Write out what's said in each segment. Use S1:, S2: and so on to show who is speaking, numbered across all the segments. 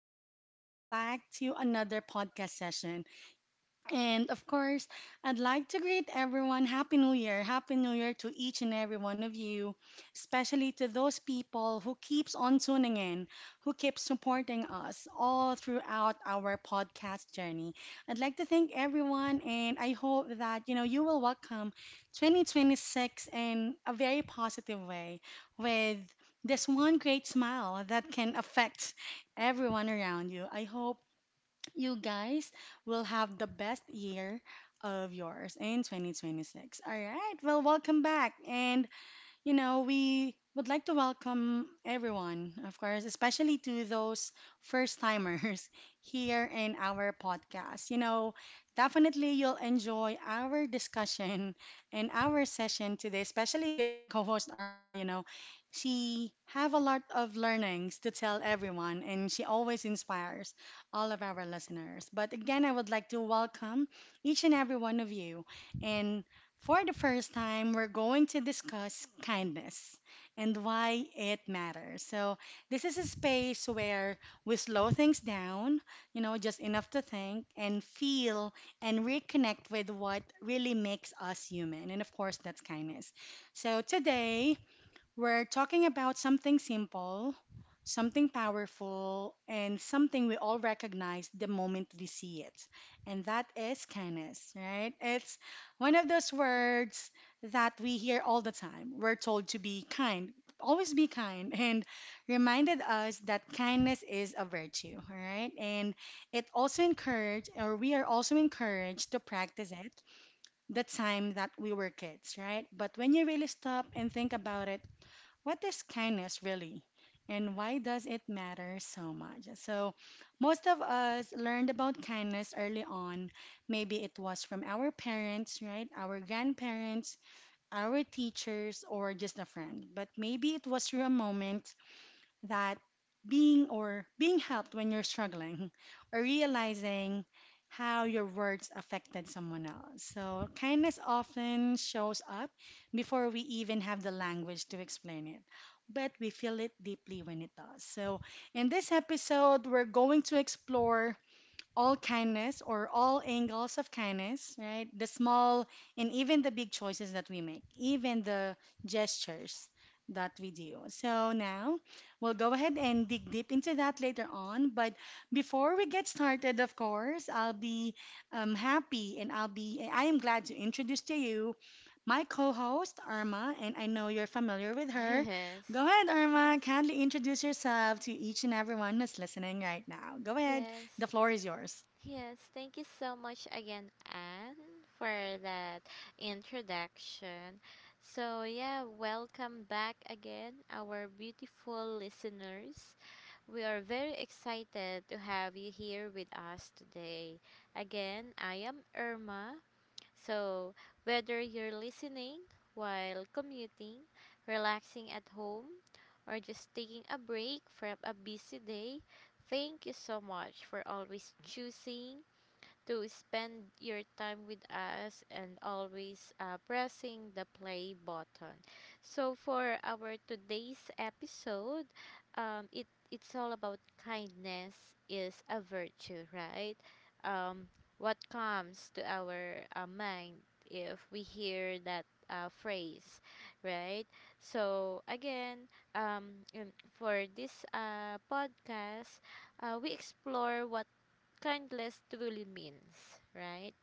S1: welcome you all back to another podcast session. And of course, I'd like to greet everyone. Happy New Year. Happy New Year to each and every one of you, especially to those people who keeps on tuning in, who keep supporting us all throughout our podcast journey. I'd like to thank everyone and I hope that you will welcome 2026 in a very positive way with this one great smile that can affect everyone around you. I hope you guys will have the best year of yours in 2026. All right. Well, welcome back. And we would like to welcome everyone, of course, especially to those first timers here in our podcast. Definitely you'll enjoy our discussion and our session today, especially with my co-host Arma, She have a lot of learnings to tell everyone and she always inspires all of our listeners. But again, I would like to welcome each and every one of you and for the first time, we're going to discuss kindness and why it matters. So, this is a space where we slow things down, just enough to think and feel and reconnect with what really makes us human. And of course, that's kindness. So, today we're talking about something simple, something powerful, and something we all recognize the moment we see it. And that is kindness, right? It's one of those words that we hear all the time. We're told to be kind, always be kind, and reminded us that kindness is a virtue, all right? And it also encouraged, or we are also encouraged to practice it the time that we were kids, right? But when you really stop and think about it, what is kindness really and why does it matter so much? So most of us learned about kindness early on. Maybe it was from our parents, right? Our grandparents, our teachers, or just a friend. But maybe it was through a moment that being or being helped when you're struggling or realizing how your words affected someone else. So, kindness often shows up before we even have the language to explain it, but we feel it deeply when it does. So, in this episode, we're going to explore all kindness or all angles of kindness, right? The small and even the big choices that we make, even the gestures that we do. So now we'll go ahead and dig deep into that later on. But before we get started, of course, I'll be happy and I'll be, I am glad to introduce to you my co host, Irma, and I know you're familiar with her.
S2: Yes.
S1: Go ahead, Irma,
S2: Mhm.
S1: kindly introduce yourself to each and everyone who's listening right now. Go ahead.
S2: Yes.
S1: The floor is yours.
S2: Yes. Thank you so much again, Anne, for that introduction. So, yeah, welcome back again, our beautiful listeners. We are very excited to have you here with us today. Again, I am Irma. So, whether you're listening while commuting, relaxing at home, or just taking a break from a busy day, thank you so much for always choosing to spend your time with us and always pressing the play button. So for our today's episode, it's all about kindness is a virtue, right? Um, what comes to our mind if we hear that phrase, right? So again, um, in- for this podcast, we explore what kindness truly means, right?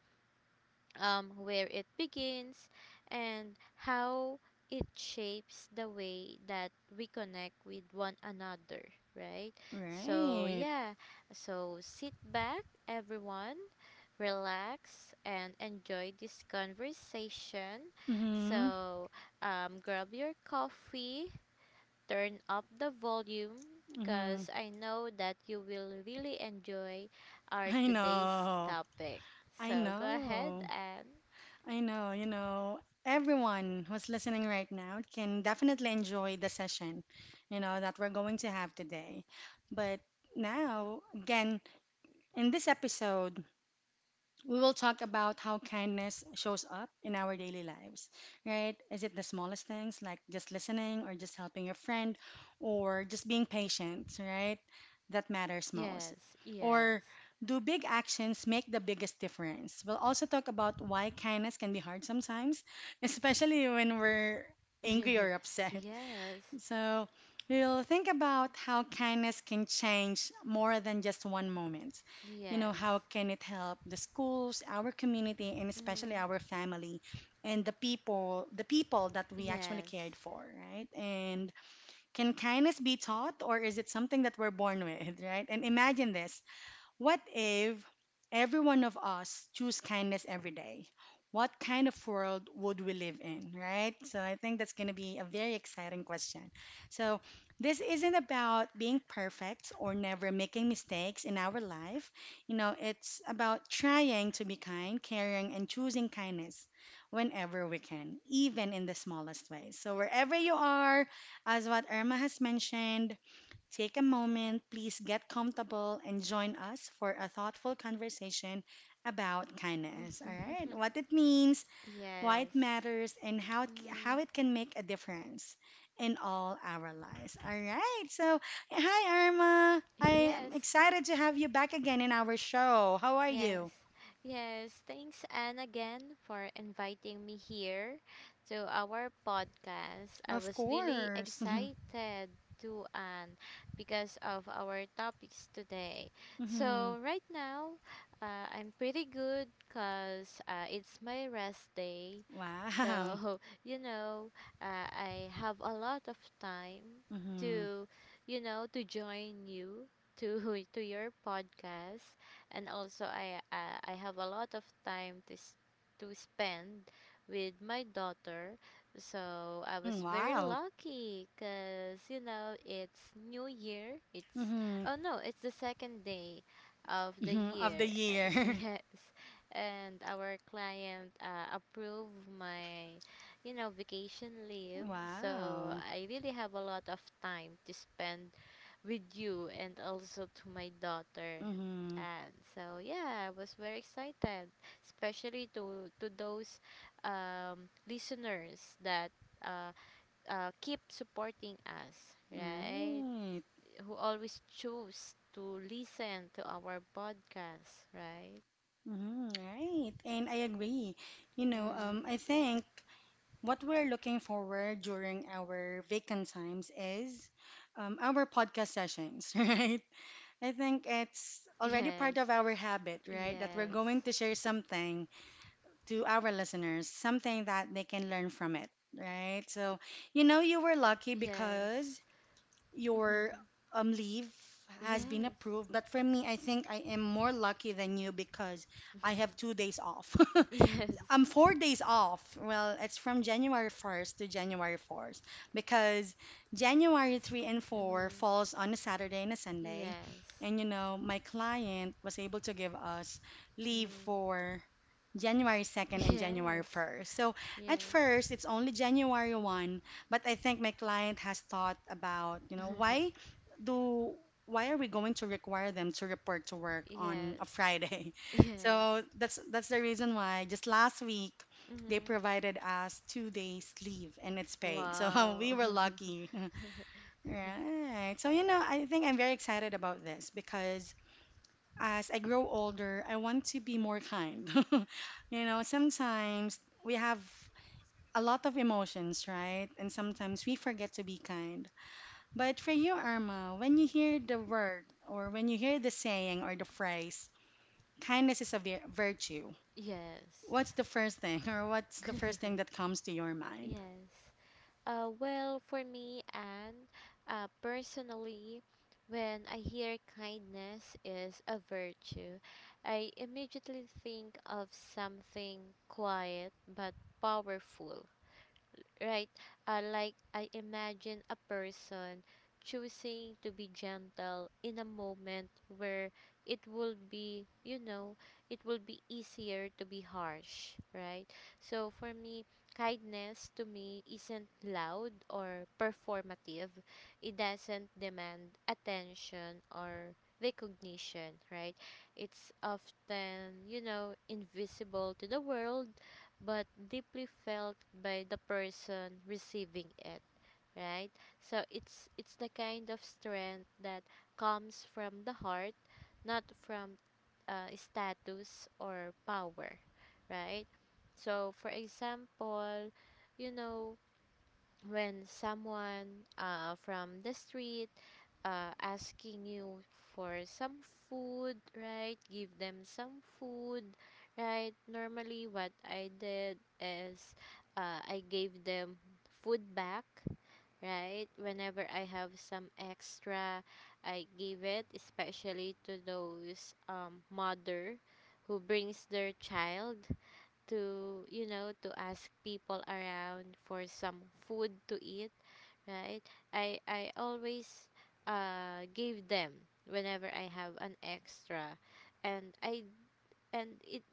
S2: Where it begins and how it shapes the way that we connect with one another, right? So,
S1: Right.
S2: yeah, so sit back, everyone, relax, and enjoy this conversation.
S1: Mm-hmm.
S2: So, grab your coffee, turn up the volume
S1: Mm-hmm.
S2: because I know that you will really enjoy our
S1: I
S2: today's
S1: know.
S2: topic.
S1: I
S2: So go ahead
S1: know.
S2: and
S1: I know. Everyone who's listening right now can definitely enjoy the session, that we're going to have today. But now, again, in this episode, we will talk about how kindness shows up in our daily lives, right? Is it the smallest things like just listening or just helping your friend or just being patient, right? That matters most.
S2: yes,
S1: Or
S2: yes,
S1: do big actions make the biggest difference? We'll also talk about why kindness can be hard sometimes, especially when we're angry or upset,
S2: yes,
S1: so we'll think about how kindness can change more than just one moment.
S2: yes,
S1: How can it help the schools, our community, and especially
S2: mm,
S1: our family and the people that we actually
S2: yes,
S1: cared for, right? And can kindness be taught or is it something that we're born with, right? And imagine this. What if every one of us choose kindness every day? What kind of world would we live in, right? So I think that's going to be a very exciting question. So this isn't about being perfect or never making mistakes in our life. It's about trying to be kind, caring, and choosing kindness whenever we can, even in the smallest ways. So wherever you are, as what Irma has mentioned, take a moment, please get comfortable and join us for a thoughtful conversation about kindness. All right, what it means, why it
S2: yes,
S1: matters, and how it, how
S2: mm,
S1: it can make a difference in all our lives. All right, so hi Irma, I am
S2: yes.
S1: excited to have you back again in our show. How are
S2: Yes,
S1: you?
S2: yes. Thanks, Anne, again for inviting me here to our podcast. I
S1: Of
S2: was really
S1: course.
S2: excited to Anne because of our topics today.
S1: Hmm.
S2: So, right now, I'm pretty good because it's my rest day.
S1: Wow.
S2: So, I have a lot of time
S1: Hmm.
S2: to, to join you to to your podcast, and also I have a lot of time to spend with my daughter. So I was
S1: Hmm.
S2: very
S1: Wow.
S2: lucky because it's New Year. It's
S1: Hmm.
S2: oh no, it's the second day of the
S1: Hmm. Of the
S2: year.
S1: year.
S2: Yes, and our client approved my vacation leave. So
S1: Wow.
S2: I really have a lot of time to spend with you and also to my daughter.
S1: Hmm.
S2: And so yeah, I was very excited, especially to those listeners that uh, keep supporting us, right?
S1: Right.
S2: Who always choose to listen to our podcast, right?
S1: Hmm. Right. And I agree.
S2: Mm.
S1: I think what we're looking forward during our vacant times is our podcast sessions, right? I think it's already part of
S2: Yes,
S1: our habit, right? That we're going
S2: yes,
S1: to share something to our listeners, something that they can learn from it, right? So, you were lucky
S2: yes,
S1: because your leave has been
S2: yes,
S1: approved. But for me, I think I am more lucky than you because I have 2 days off.
S2: yes.
S1: I'm 4 days off. Well, it's from January 1st to January 4th because January 3 and 4
S2: Hmm.
S1: falls on a Saturday and a Sunday.
S2: Yes.
S1: And you know, my client was able to give us leave
S2: Mm.
S1: for January 2nd and January
S2: Yes.
S1: 1st. So at
S2: Yes.
S1: first, it's only January 1, but I think my client has thought about, why do why are we going to require them to report to work on a
S2: Yes.
S1: Friday?
S2: Yes.
S1: So that's the reason why just last week they
S2: Mhm.
S1: provided us 2 days leave and it's paid. So we
S2: Wow.
S1: were lucky. Right. So I think I'm very excited about this because as I grow older, I want to be more kind. Sometimes we have a lot of emotions, right? And sometimes we forget to be kind. But for you, Irma, when you hear the word or when you hear the saying or the phrase, kindness is a virtue,
S2: Yes.
S1: what's the first thing or what's the first thing that comes to your mind?
S2: Yes. Well, for me, and personally, when I hear kindness is a virtue, I immediately think of something quiet but powerful, right? Like I imagine a person choosing to be gentle in a moment where it will be, it will be easier to be harsh, right? So for me, kindness to me isn't loud or performative. It doesn't demand attention or recognition, right? It's often, invisible to the world but deeply felt by the person receiving it, right? So it's the kind of strength that comes from the heart, not from status or power, right? So for example, you know when someone, from the street, asking you for some food, right? Give them some food, right? Normally, what I did is, I gave them food back, right? Whenever I have some extra, I give it, especially to those mother who brings their child to you know to ask people around for some food to eat, right? I always gave them whenever I have an extra, and I and it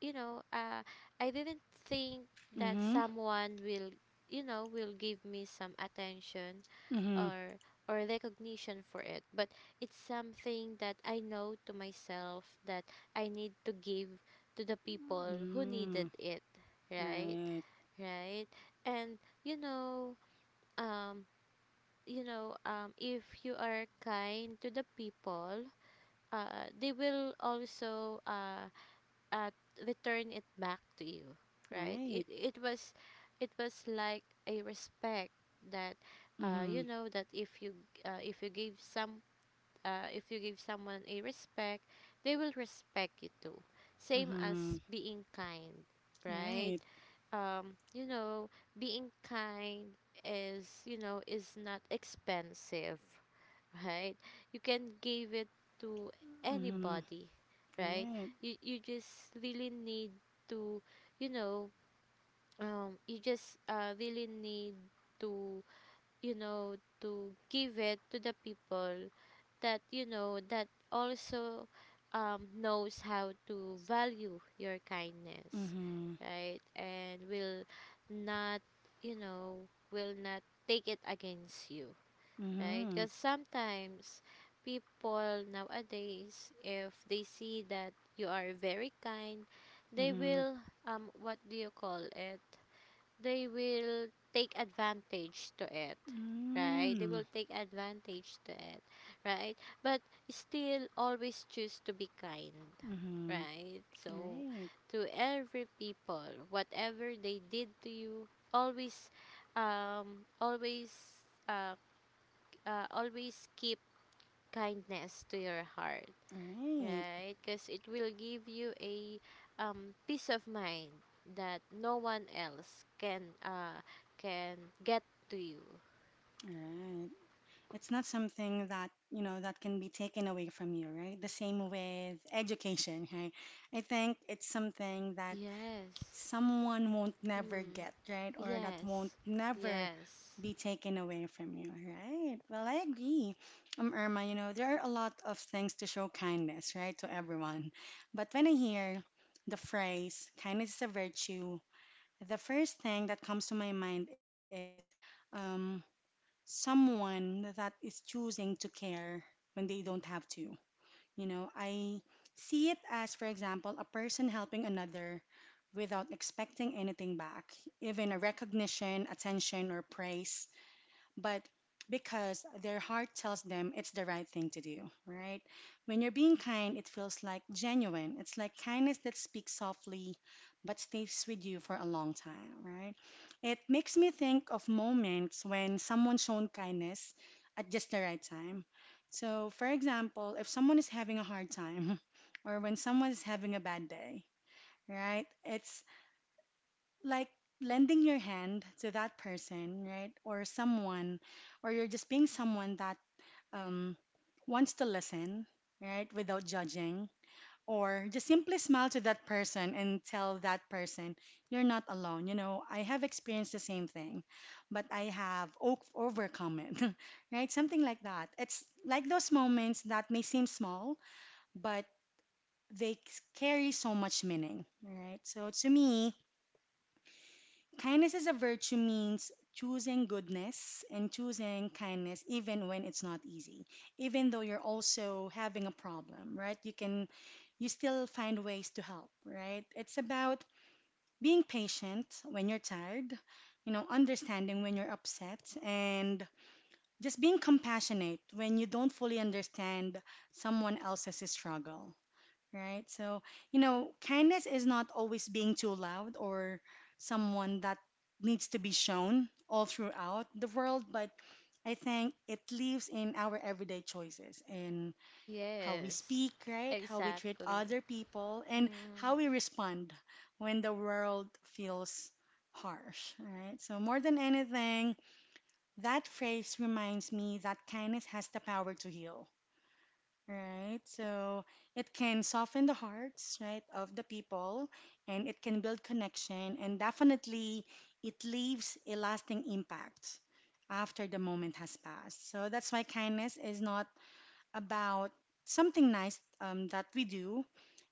S2: you know I didn't think that
S1: Mm-hmm.
S2: someone will you know will give me some attention
S1: Mm-hmm.
S2: or or recognition for it, but it's something that I know to myself that I need to give to the people who
S1: Mm,
S2: needed it, right?
S1: right.
S2: Right. And you know um if you are kind to the people, they will also uh return it back to you, right? it
S1: Right.
S2: it was it was like a respect that,
S1: Mm-hmm.
S2: that uh, if you give some if you give someone a respect, they will respect you too. Same
S1: Mm-hmm.
S2: as being kind, right?
S1: Right.
S2: um you know Being kind is not expensive, right? You can give it to
S1: Mm-hmm.
S2: anybody, right?
S1: Right.
S2: You just really need to, you know, um, you just uh, really need to, you know, to give it to the people that you know that also knows how to value your kindness,
S1: Mm-hmm.
S2: right? And will not, not take it against you, right?
S1: Mhm.
S2: Because sometimes people nowadays, if they see that you are very kind, they
S1: Mhm.
S2: will, what do you call it? They will take advantage to it, right? They
S1: Mm.
S2: will take advantage to it, right? But still, always choose to be kind,
S1: Mhm.
S2: right? So,
S1: Right.
S2: to every people, whatever they did to you, always um always uh, always keep kindness to your heart,
S1: Right.
S2: right? Because it will give you a, peace of mind that no one else can, can get to you.
S1: Right. It's not something that, that can be taken away from you, right? The same with education, right? I think it's something that
S2: Yes.
S1: someone won't never
S2: Mm.
S1: get, right? Or that won't
S2: Yes.
S1: never
S2: Yes.
S1: be taken away from you, right? Well, I agree. Irma, there are a lot of things to show kindness, right, to everyone. But when I hear the phrase, kindness is a virtue, the first thing that comes to my mind is um, someone that is choosing to care when they don't have to. I see it as, for example, a person helping another without expecting anything back, even a recognition, attention, or praise, but because their heart tells them it's the right thing to do, right? When you're being kind, it feels like genuine. It's like kindness that speaks softly but stays with you for a long time, right? It makes me think of moments when someone shown kindness at just the right time. So, for example, if someone is having a hard time or when someone is having a bad day, right? It's like lending your hand to that person, right? Or someone, or you're just being someone that um, wants to listen, right? Without judging, or just simply smile to that person and tell that person, you're not alone. You know, I have experienced the same thing, but I have overcome it, right? Something like that. It's like those moments that may seem small, but they carry so much meaning, right? So to me, kindness is a virtue means choosing goodness and choosing kindness even when it's not easy. Even though you're also having a problem, right? You can you still find ways to help, right? It's about being patient when you're tired, understanding when you're upset and just being compassionate when you don't fully understand someone else's struggle, right? So, kindness is not always being too loud or someone that needs to be shown all throughout the world, but I think it lives in our everyday choices in how we
S2: Yes.
S1: speak, right? How we treat
S2: Exactly.
S1: other people and
S2: Mm.
S1: how we respond when the world feels harsh, right? So, more than anything, that phrase reminds me that kindness has the power to heal. Right. So it can soften the hearts, right, of the people and it can build connection and definitely it leaves a lasting impact after the moment has passed. So that's why kindness is not about something nice that we do.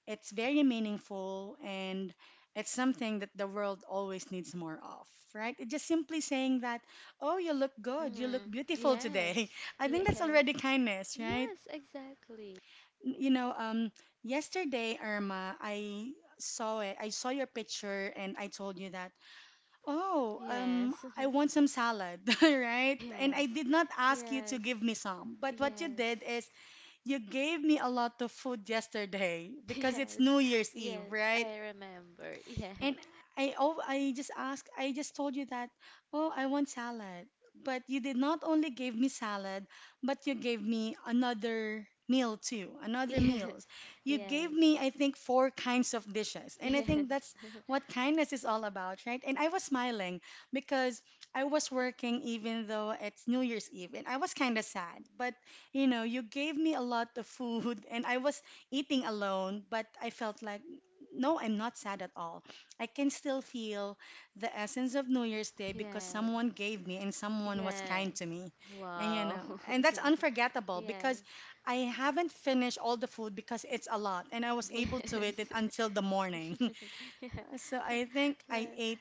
S1: It's very meaningful and it's something that the world always needs more of, right? It just simply saying that, oh, you look good, you look
S2: Mm.
S1: beautiful today.
S2: Yes.
S1: I think that's
S2: Yes.
S1: already kindness, right?
S2: Yes. Exactly.
S1: You know, yesterday, Irma, I saw it. I saw your picture and I told you that, oh,
S2: Yes.
S1: I want some salad, right? And I
S2: Yes.
S1: did not ask you to
S2: Yes.
S1: give me some. But what you
S2: Yes.
S1: did is you gave me a lot of food yesterday because it's
S2: Yes,
S1: New Year's Eve,
S2: yes,
S1: right?
S2: I remember. Yes,
S1: And I oh, I just told you that, oh, I want salad. But you did not only gave me salad, but you gave me another meal too, another meals.
S2: yes,
S1: You gave
S2: yes,
S1: me, I think, four kinds of dishes. And I think
S2: yes,
S1: that's what kindness is all about, right? And I was smiling because I was working even though it's New Year's Eve and I was kind of sad. But, you know, you gave me a lot of food and I was eating alone, but I felt like, no, I'm not sad at all. I can still feel the essence of New Year's Day because
S2: yes,
S1: someone gave me and someone was kind
S2: yes.
S1: to me. And you
S2: Wow.
S1: know, and that's unforgettable
S2: Yes,
S1: because I haven't finished all the food because it's a lot and I was
S2: yes,
S1: able to eat it until the morning.
S2: yes.
S1: So I think I
S2: Well,
S1: ate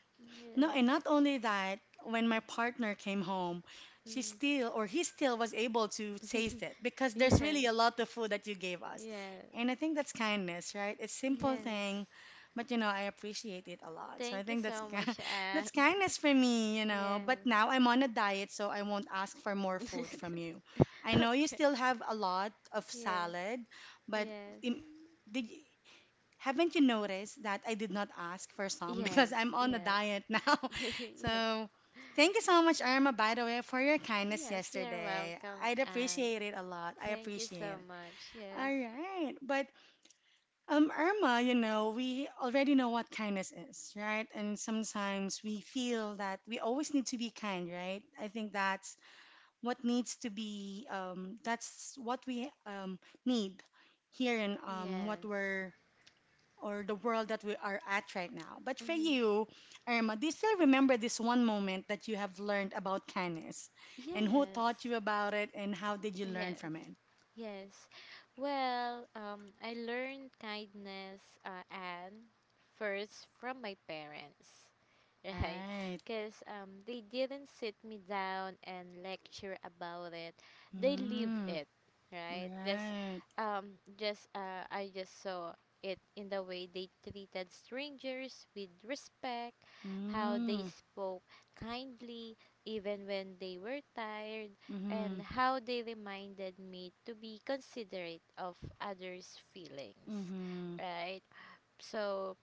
S1: no,
S2: yes.
S1: and not only that, when my partner came home, she
S2: Mm.
S1: still or he still was able to taste it because there's
S2: Yes,
S1: really a lot of food that you gave us.
S2: yes,
S1: And I think that's kindness, right? It's simple thing,
S2: yes.
S1: but you know, I appreciate it a lot. So I
S2: Thank you
S1: think
S2: so much, Anne.
S1: that's kindness for me, you know. But
S2: Yes.
S1: now I'm on a diet, so I won't ask for more food from you. I know you
S2: Okay.
S1: still have a lot of
S2: Yes.
S1: salad, but
S2: Yes.
S1: im- did haven't you noticed that I did not ask for some
S2: Yes.
S1: because I'm on a
S2: Yes.
S1: diet now?
S2: Yes.
S1: So, thank you so much, Irma, by the way, for your kindness
S2: Yes, you're
S1: yesterday.
S2: welcome,
S1: I'd
S2: and
S1: appreciate it a lot. I
S2: thank you
S1: appreciate
S2: so
S1: it.
S2: much.
S1: All
S2: Yes,
S1: right. But, Irma, you know, we already know what kindness is, right? And sometimes we feel that we always need to be kind, right? I think that's what needs to be, that's what we need here in what
S2: yes,
S1: we're or the world that we are at right now. But for
S2: mm-hmm.
S1: you, Irma, do you still remember this one moment that you have learned about kindness? And who taught
S2: Yes,
S1: you about it and how did you learn
S2: yes,
S1: from it?
S2: yes. Well, I learned kindness, and first from my parents. Right?
S1: Right.
S2: Because they didn't sit me down and lecture about it. They live
S1: Mm,
S2: it, right?
S1: right.
S2: Just I just saw it in the way they treated strangers with respect, how they
S1: Mm,
S2: spoke kindly even when they were tired, and
S1: mm-hmm,
S2: how they reminded me to be considerate of others' feelings,
S1: mm-hmm,
S2: right? So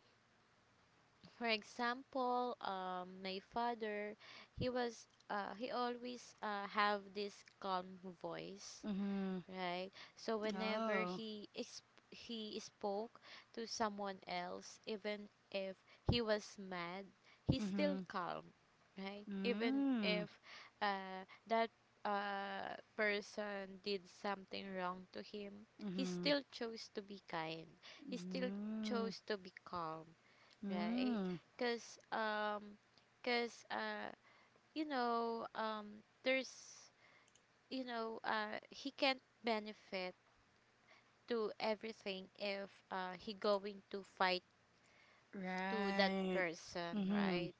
S2: for example, my father, he always have this calm voice,
S1: mm-hmm.
S2: right? So whenever
S1: Oh,
S2: he spoke to someone else, even if he was mad, he's still
S1: mm-hmm,
S2: calm, right? Even
S1: mm,
S2: if, that, person did something wrong to him, he
S1: mm-hmm,
S2: still chose to be kind. He still
S1: mm,
S2: chose to be calm, right?
S1: mm.
S2: Because cause you know there's you know he can't benefit to everything if, he going to fight to that
S1: Right.
S2: person,
S1: Mm-hmm,
S2: right?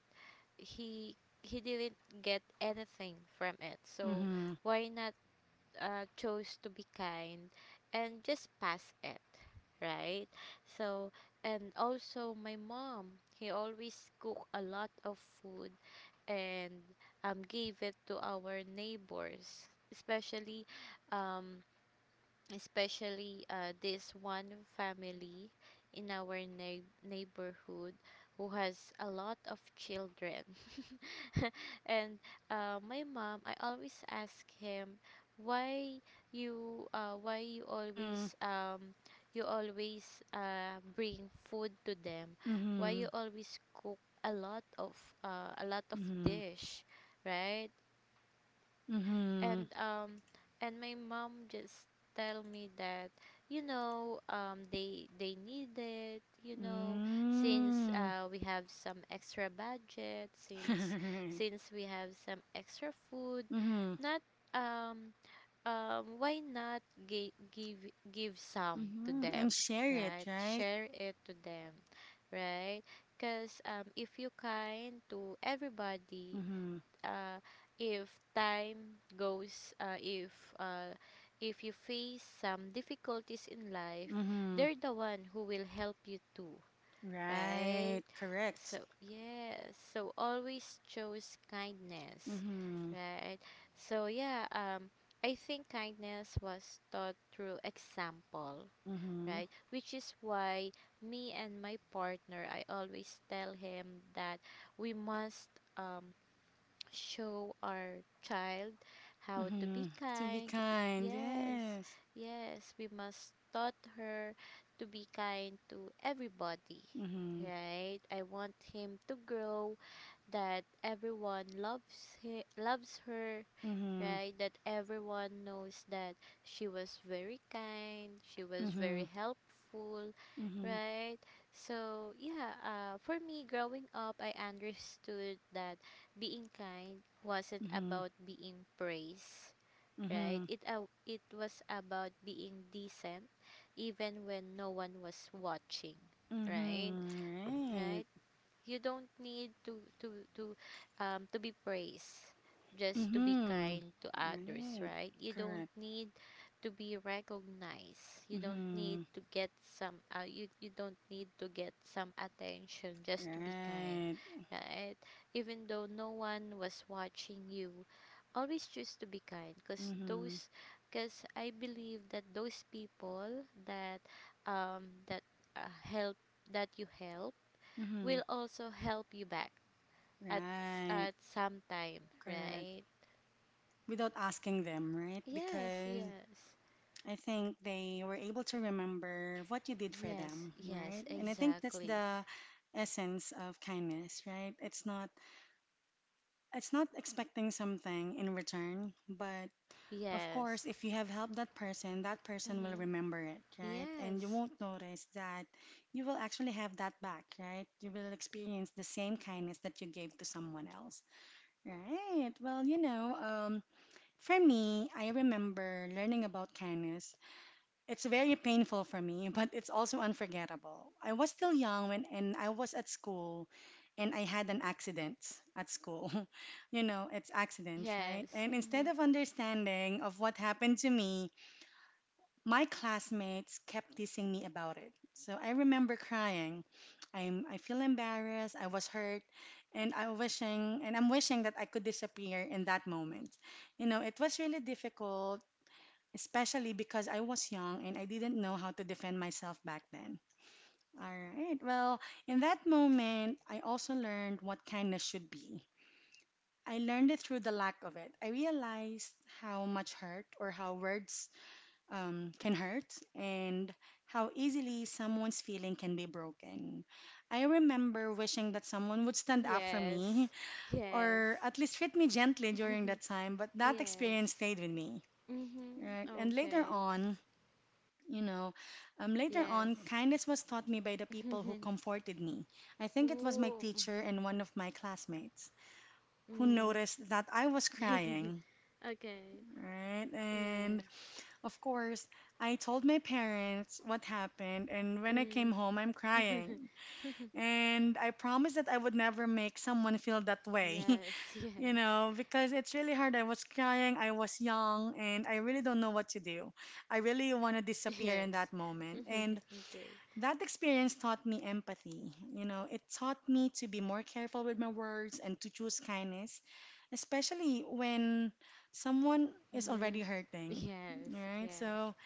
S2: He he didn't get anything from it, so
S1: mm-hmm,
S2: why not, chose to be kind and just pass it, right? So and also my mom, he always cook a lot of food, and gave it to our neighbors, especially, um, this one family in our neighborhood who has a lot of children, and, my mom, I always ask him, why why you
S1: mm-hmm,
S2: always, bring food to them. Why
S1: mm-hmm,
S2: you always cook a lot of a lot of
S1: mm-hmm,
S2: dish, right?
S1: mm-hmm.
S2: And um and my mom just tell me that, they need it, since
S1: Mm.
S2: we have some extra budget, since since we have some extra food,
S1: Mm-hmm.
S2: not um why not give some to
S1: Mm-hmm.
S2: them,
S1: And share it,
S2: right?
S1: right?
S2: Share it to them, right? Because if you kind to everybody,
S1: Mm-hmm.
S2: uh, if time goes, uh, if you face some difficulties in life,
S1: Mm-hmm.
S2: they're the one who will help you too, right?
S1: Right.
S2: So
S1: Correct.
S2: yes, so always choose kindness,
S1: Mm-hmm.
S2: right? So yeah, I think kindness was taught through example,
S1: Mm-hmm.
S2: right? Which is why me and my partner, I always tell him that we must um show our child how to be
S1: Mm-hmm. To be
S2: kind.
S1: kind,
S2: Yes,
S1: yes.
S2: yes, we must taught her to be kind to everybody.
S1: Mm-hmm.
S2: Right? I want him to grow that everyone loves her,
S1: Mm-hmm.
S2: right? That everyone knows that she was very kind, she was very
S1: Mm-hmm.
S2: helpful,
S1: Mm-hmm.
S2: right? So, yeah, for me, growing up, I understood that being kind wasn't
S1: Mm-hmm.
S2: about being praised. Right,
S1: Mm-hmm.
S2: it was about being decent, even when no one was watching. Right,
S1: Mm-hmm.
S2: right,
S1: Right.
S2: you don't need to be praised just to be
S1: Mm-hmm.
S2: kind to others,
S1: Right.
S2: right. You don't
S1: Correct.
S2: need to be recognized. You don't need
S1: Mm-hmm.
S2: to get some you, you don't need to get some attention just to be kind,
S1: Right.
S2: right. Even though no one was watching you, always choose to be kind, because
S1: Mm-hmm.
S2: those because I believe that those people um that uh, help that you help
S1: Mm-hmm.
S2: will also help you back at s-
S1: Right.
S2: at some time,
S1: Correct.
S2: right?
S1: Without asking them, right?
S2: Yes,
S1: Because
S2: yes.
S1: I think they were able to remember what you did for
S2: Yes,
S1: them,
S2: yes,
S1: right? And I think that's
S2: exactly.
S1: the essence of kindness, right? It's not expecting something in return, but of course,
S2: Yes.
S1: if you have helped that person will
S2: Mm-hmm.
S1: remember it, right? And you
S2: Yes.
S1: won't notice that you will actually have that back, right? You will experience the same kindness that you gave to someone else, right? Well, you know, for me, I remember learning about kindness. It's very painful for me, but it's also unforgettable. I was still young when and I was at school and I had an accident at school. You know, it's accidents, right?
S2: Yes.
S1: And instead
S2: Mm-hmm.
S1: of understanding of what happened to me, my classmates kept teasing me about it. So I remember crying. I feel embarrassed, I was hurt, and I'm wishing that I could disappear in that moment. You know, it was really difficult, especially because I was young and I didn't know how to defend myself back then. All right. Well, in that moment, I also learned what kindness should be. I learned it through the lack of it. I realized how much hurt or how words can hurt and how easily someone's feeling can be broken. I remember wishing that someone would stand up for
S2: Yes.
S1: me
S2: Yes.
S1: or at least treat me gently during that time, but that
S2: Yes.
S1: experience stayed with me.
S2: Mm-hmm.
S1: Right? And later
S2: Okay.
S1: You know, on,
S2: Yes.
S1: kindness was taught me by the people who comforted me. I think it was my
S2: Ooh.
S1: teacher and one of my classmates who
S2: Mm-hmm.
S1: noticed that I was
S2: Mm.
S1: crying,
S2: Okay.
S1: right? And
S2: Yes.
S1: of course, I told my parents what happened, and when I came
S2: Mm.
S1: home, I'm crying. And I promised that I would never make someone feel that way,
S2: Yes. Yes.
S1: because it's really hard. I was crying, I was young, and I really don't know what to do. I really want to disappear in
S2: Yes.
S1: that moment. And
S2: Okay.
S1: that experience taught me empathy. You know, it taught me to be more careful with my words and to choose kindness, especially when someone is already
S2: Mm-hmm.
S1: hurting.
S2: Yes,
S1: Right?
S2: yes.
S1: So,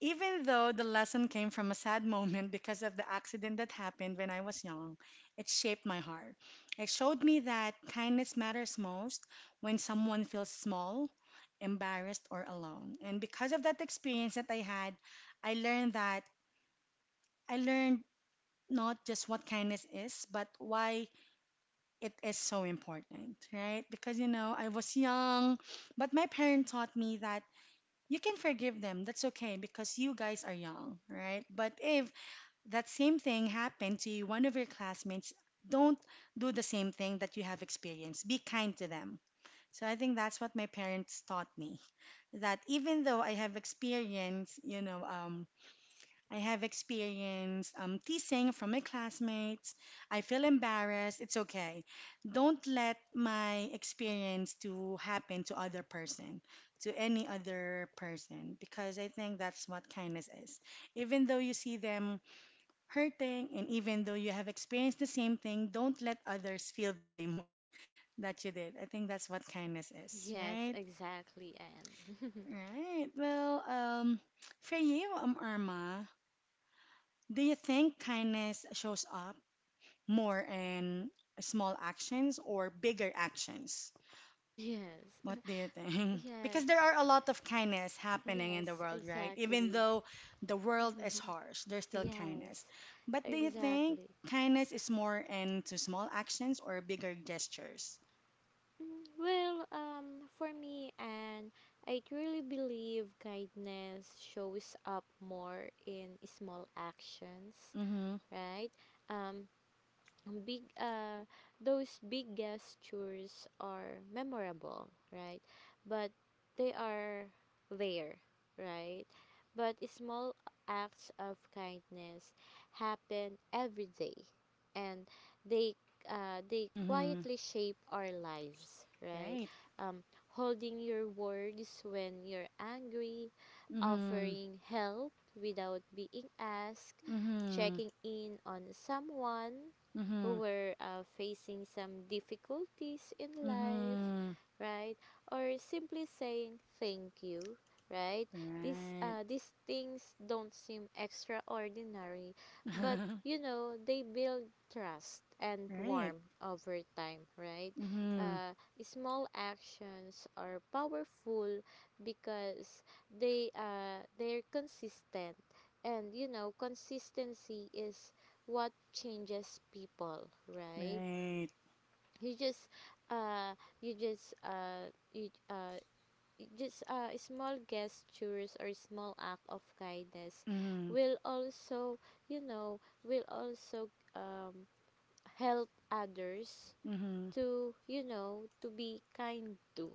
S1: even though the lesson came from a sad moment because of the accident that happened when I was young, it shaped my heart. It showed me that kindness matters most when someone feels small, embarrassed, or alone. And because of that experience that I had, I learned that I learned not just what kindness is, but why it is so important, right? Because, you know, I was young, but my parents taught me that you can forgive them. That's okay because you guys are young, right? But if that same thing happened to you, one of your classmates, don't do the same thing that you have experienced. Be kind to them. So I think that's what my parents taught me that even though I have experienced, teasing from my classmates. I feel embarrassed. It's okay. Don't let my experience to happen to other person, to any other person, because I think that's what kindness is. Even though you see them hurting, and even though you have experienced the same thing, don't let others feel the same way that you did. I think that's what kindness is,
S2: Yes,
S1: right?
S2: exactly, Anne.
S1: Right. Well, for you, Irma. Do you think kindness shows up more in small actions or bigger actions?
S2: Yes.
S1: What do you think? Because
S2: Yes.
S1: there are a lot of kindness happening in the
S2: Yes,
S1: world, right? Even
S2: exactly.
S1: though the world is harsh, there's still
S2: Yes,
S1: kindness. But do you think
S2: exactly.
S1: kindness is more into small actions or bigger gestures?
S2: Well, for me, and I truly believe kindness shows up more in small actions,
S1: Mm-hmm.
S2: right? Um, big those big gestures are memorable, right? But they are there, right? But small acts of kindness happen every day, and they they
S1: Mm-hmm.
S2: quietly shape our lives, right?
S1: Right.
S2: Um, Holding your words when you're angry,
S1: Mm-hmm.
S2: offering help without being asked,
S1: Mm-hmm.
S2: checking in on someone who
S1: Mm-hmm.
S2: were facing some difficulties in life,
S1: Mm-hmm.
S2: right? Or simply saying thank you, right? These
S1: Right.
S2: uh, these things don't seem extraordinary, but they build trust and
S1: Right.
S2: warmth over time, right?
S1: Mm-hmm.
S2: Uh, small actions are powerful because they're consistent, and consistency is what changes people, right?
S1: Right.
S2: You just uh, you just you, just Small gestures or small act of kindness
S1: Mhm.
S2: will also will also help others
S1: Mhm.
S2: to to be kind to,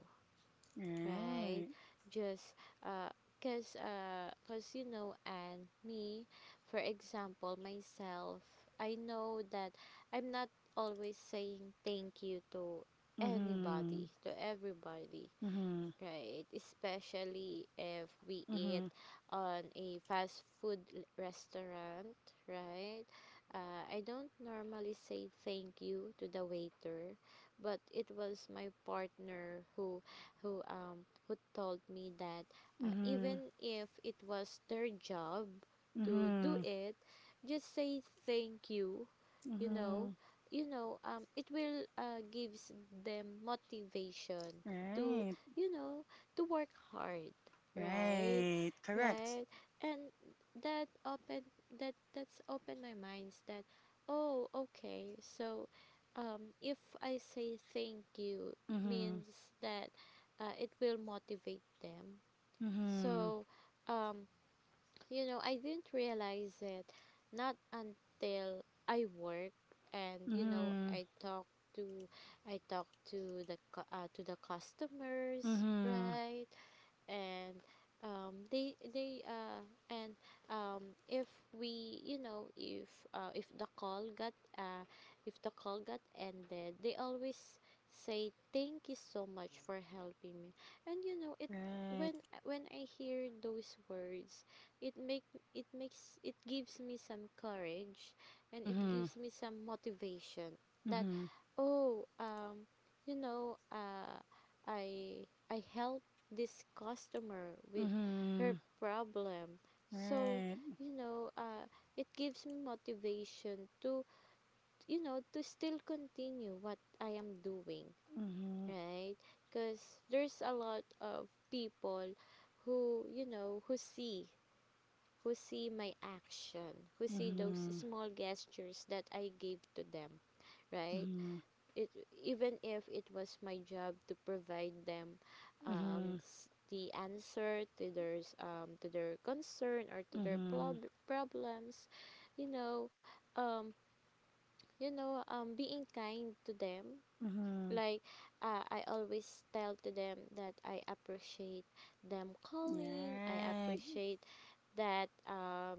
S2: right?
S1: Right.
S2: Just uh because uh, cause you know and me, for example myself, I know that I'm not always saying thank you to
S1: Mhm.
S2: anybody, to everybody.
S1: Mhm.
S2: Right, especially if we eat
S1: Mhm.
S2: on a fast food restaurant, right? I don't normally say thank you to the waiter, but it was my partner who told me that,
S1: Mhm.
S2: even if it was their job to do
S1: Mhm.
S2: it, just say thank you, you know.
S1: Mhm.
S2: It will gives them motivation to,
S1: Right.
S2: you know, to work hard, right?
S1: Right. Correct.
S2: Right? And that open that's opened my minds that, oh, okay. So, if I say thank you
S1: Mhm.
S2: means that, it will motivate them.
S1: Mhm.
S2: So, um I didn't realize it not until I work, and
S1: Mhm.
S2: I talk to I talk the to the customers,
S1: Mhm.
S2: right? And they and if we you know if the call got if the call got ended, they always say thank you so much for helping me, and it,
S1: Right.
S2: when when I hear those words, it make it makes it gives me some courage and it
S1: Mhm.
S2: gives me some motivation that,
S1: Mhm.
S2: oh, you know uh I help this customer with her
S1: Mhm.
S2: problem. So,
S1: Right.
S2: you know, uh, it gives me motivation to, to still continue what I am doing,
S1: Mhm.
S2: right? Because there's a lot of people who, who see my action, who see those
S1: Mhm.
S2: small gestures that I gave to them, right? it Even if it was my job to provide them
S1: Mhm. Mhm.
S2: the answer to their to their concern or to their problems, you know um being kind to them,
S1: Mhm. Mhm.
S2: like, I always tell to them that I appreciate them calling, I
S1: Right.
S2: appreciate that,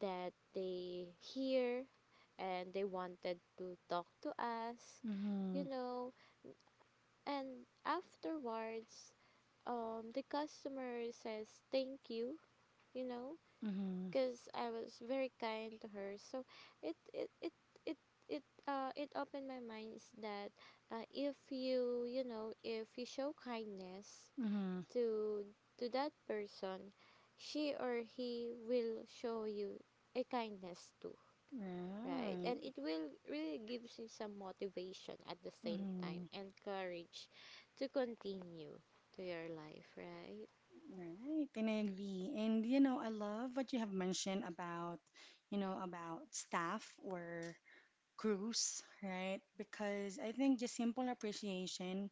S2: that they hear and they wanted to talk to us, you
S1: Mhm.
S2: know. And afterwards, the customer says thank you, you know,
S1: Mhm.
S2: because I was very kind to her. So it it it it it opened my mind is that, if you, you know if you show kindness
S1: Mhm.
S2: to to that person, she or he will show you a kindness too. Right.
S1: Right.
S2: And it will really gives you some motivation at the same time
S1: Mhm.
S2: and courage to continue to your life, right?
S1: Right, and I agree. And you know, I love what you have mentioned about staff or crews, right? Because I think just simple appreciation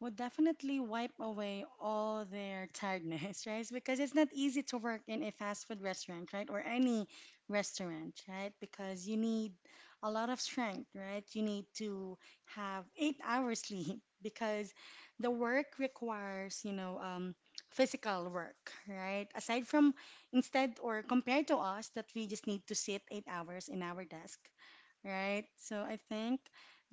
S1: would definitely wipe away all their tiredness, right? Because it's not easy to work in a fast food restaurant, right? Or any restaurant, right? Because you need a lot of strength, right? You need to have 8 hours sleep because the work requires, physical work, right? Aside from instead or compared to us that we just need to sit 8 hours in our desk, right? So I think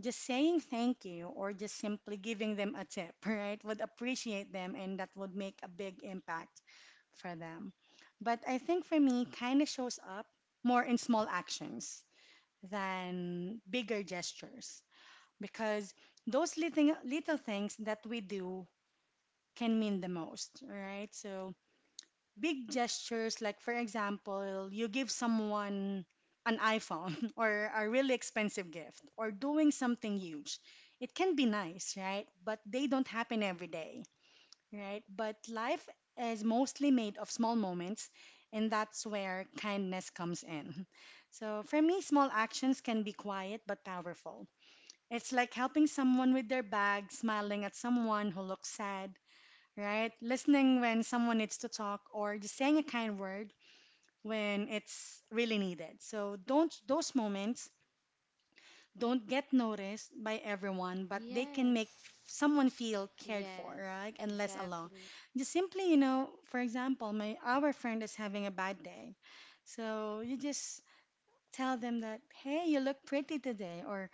S1: just saying thank you or just simply giving them a tip, right, would appreciate them and that would make a big impact for them. But I think for me, kind of shows up more in small actions than bigger gestures because those little, little things that we do can mean the most, right? So big gestures, like for example, you give someone an iPhone or a really expensive gift or doing something huge. It can be nice, right? But they don't happen every day, right? But life is mostly made of small moments, and that's where kindness comes in. So for me, small actions can be quiet but powerful. It's like helping someone with their bag, smiling at someone who looks sad, right? Listening when someone needs to talk or just saying a kind word when it's really needed. So don't those moments don't get noticed by everyone, but they can make
S2: Yes.
S1: someone feel cared for,
S2: Yes.
S1: right? And less alone.
S2: Exactly.
S1: Just simply, for example, my our friend is having a bad day. So you just tell them that, "Hey, you look pretty today," or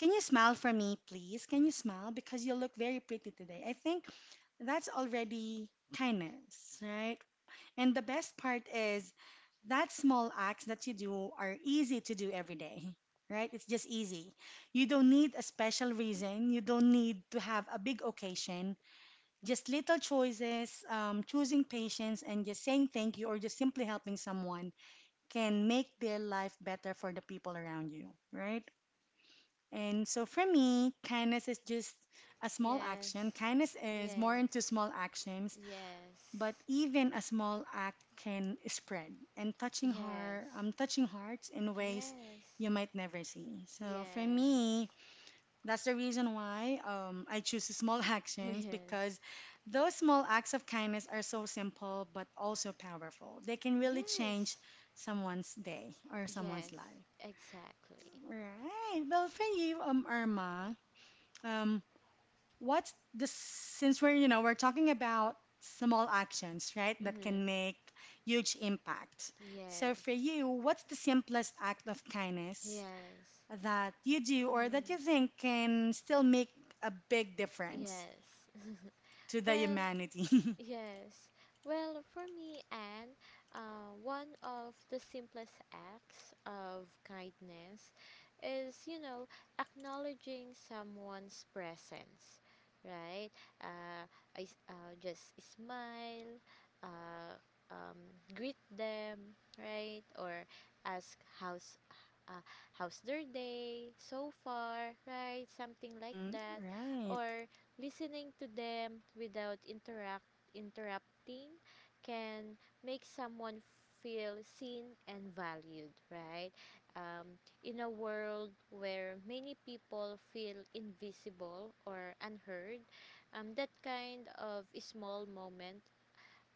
S1: "Can you smile for me, please? Can you smile because you look very pretty today?" I think that's already kindness, right? And the best part is that small acts that you do are easy to do every day, right? It's just easy. You don't need a special reason. You don't need to have a big occasion. Just little choices, choosing patience, and just saying thank you or just simply helping someone can make their life better for the people around you, right? And so for me, kindness is just a small action.
S2: Yes.
S1: Kindness is more
S2: Yes.
S1: into small actions
S2: Yes.
S1: but even a small act can spread and touching heart,
S2: Yes.
S1: touching hearts in ways you might never see. So for
S2: Yes.
S1: me, that's the reason why I choose small actions
S2: Yes.
S1: because those small acts of kindness are so simple but also powerful. They can really
S2: Yes.
S1: change
S2: Yes.
S1: someone's day or someone's
S2: Yes.
S1: life.
S2: Exactly.
S1: Right. Well, for you, Irma, um, What's the since we're you know we're talking about small actions, right, that can
S2: Mhm.
S1: make huge impact. So
S2: Yes.
S1: for you, what's the simplest act of kindness
S2: Yes.
S1: that you do or that you
S2: Mhm.
S1: think can still make a big difference
S2: Yes.
S1: to the
S2: Well,
S1: humanity?
S2: Yes. Well, for me, Anne, one of the simplest acts of kindness is, acknowledging someone's presence, right? Uh, just smile, uh, um, greet them, right? Or ask how's, uh, how's their day so far, right? Something like
S1: Mm,
S2: that,
S1: right.
S2: or listening to them without interrupting interrupting can make someone feel seen and valued, right? Um, in a world where many people feel invisible or unheard, that kind of small moment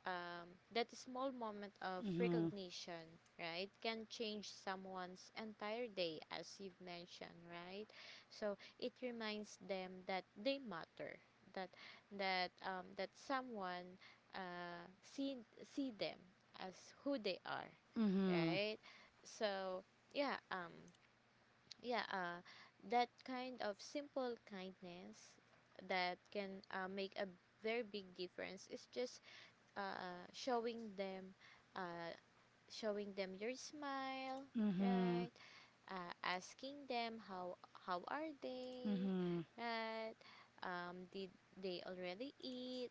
S2: that small moment of
S1: Mm-hmm.
S2: recognition, right, can change someone's entire day, as you've mentioned, right? So it reminds them that they matter, that that someone, uh, see see them as who they are,
S1: Mm-hmm.
S2: right? So yeah, um, yeah, uh, that kind of simple kindness that can, make a very big difference is just uh, showing them uh, showing them your smile,
S1: Mm-hmm.
S2: right? Asking them how are they,
S1: Mm-hmm.
S2: right? Did they already eat,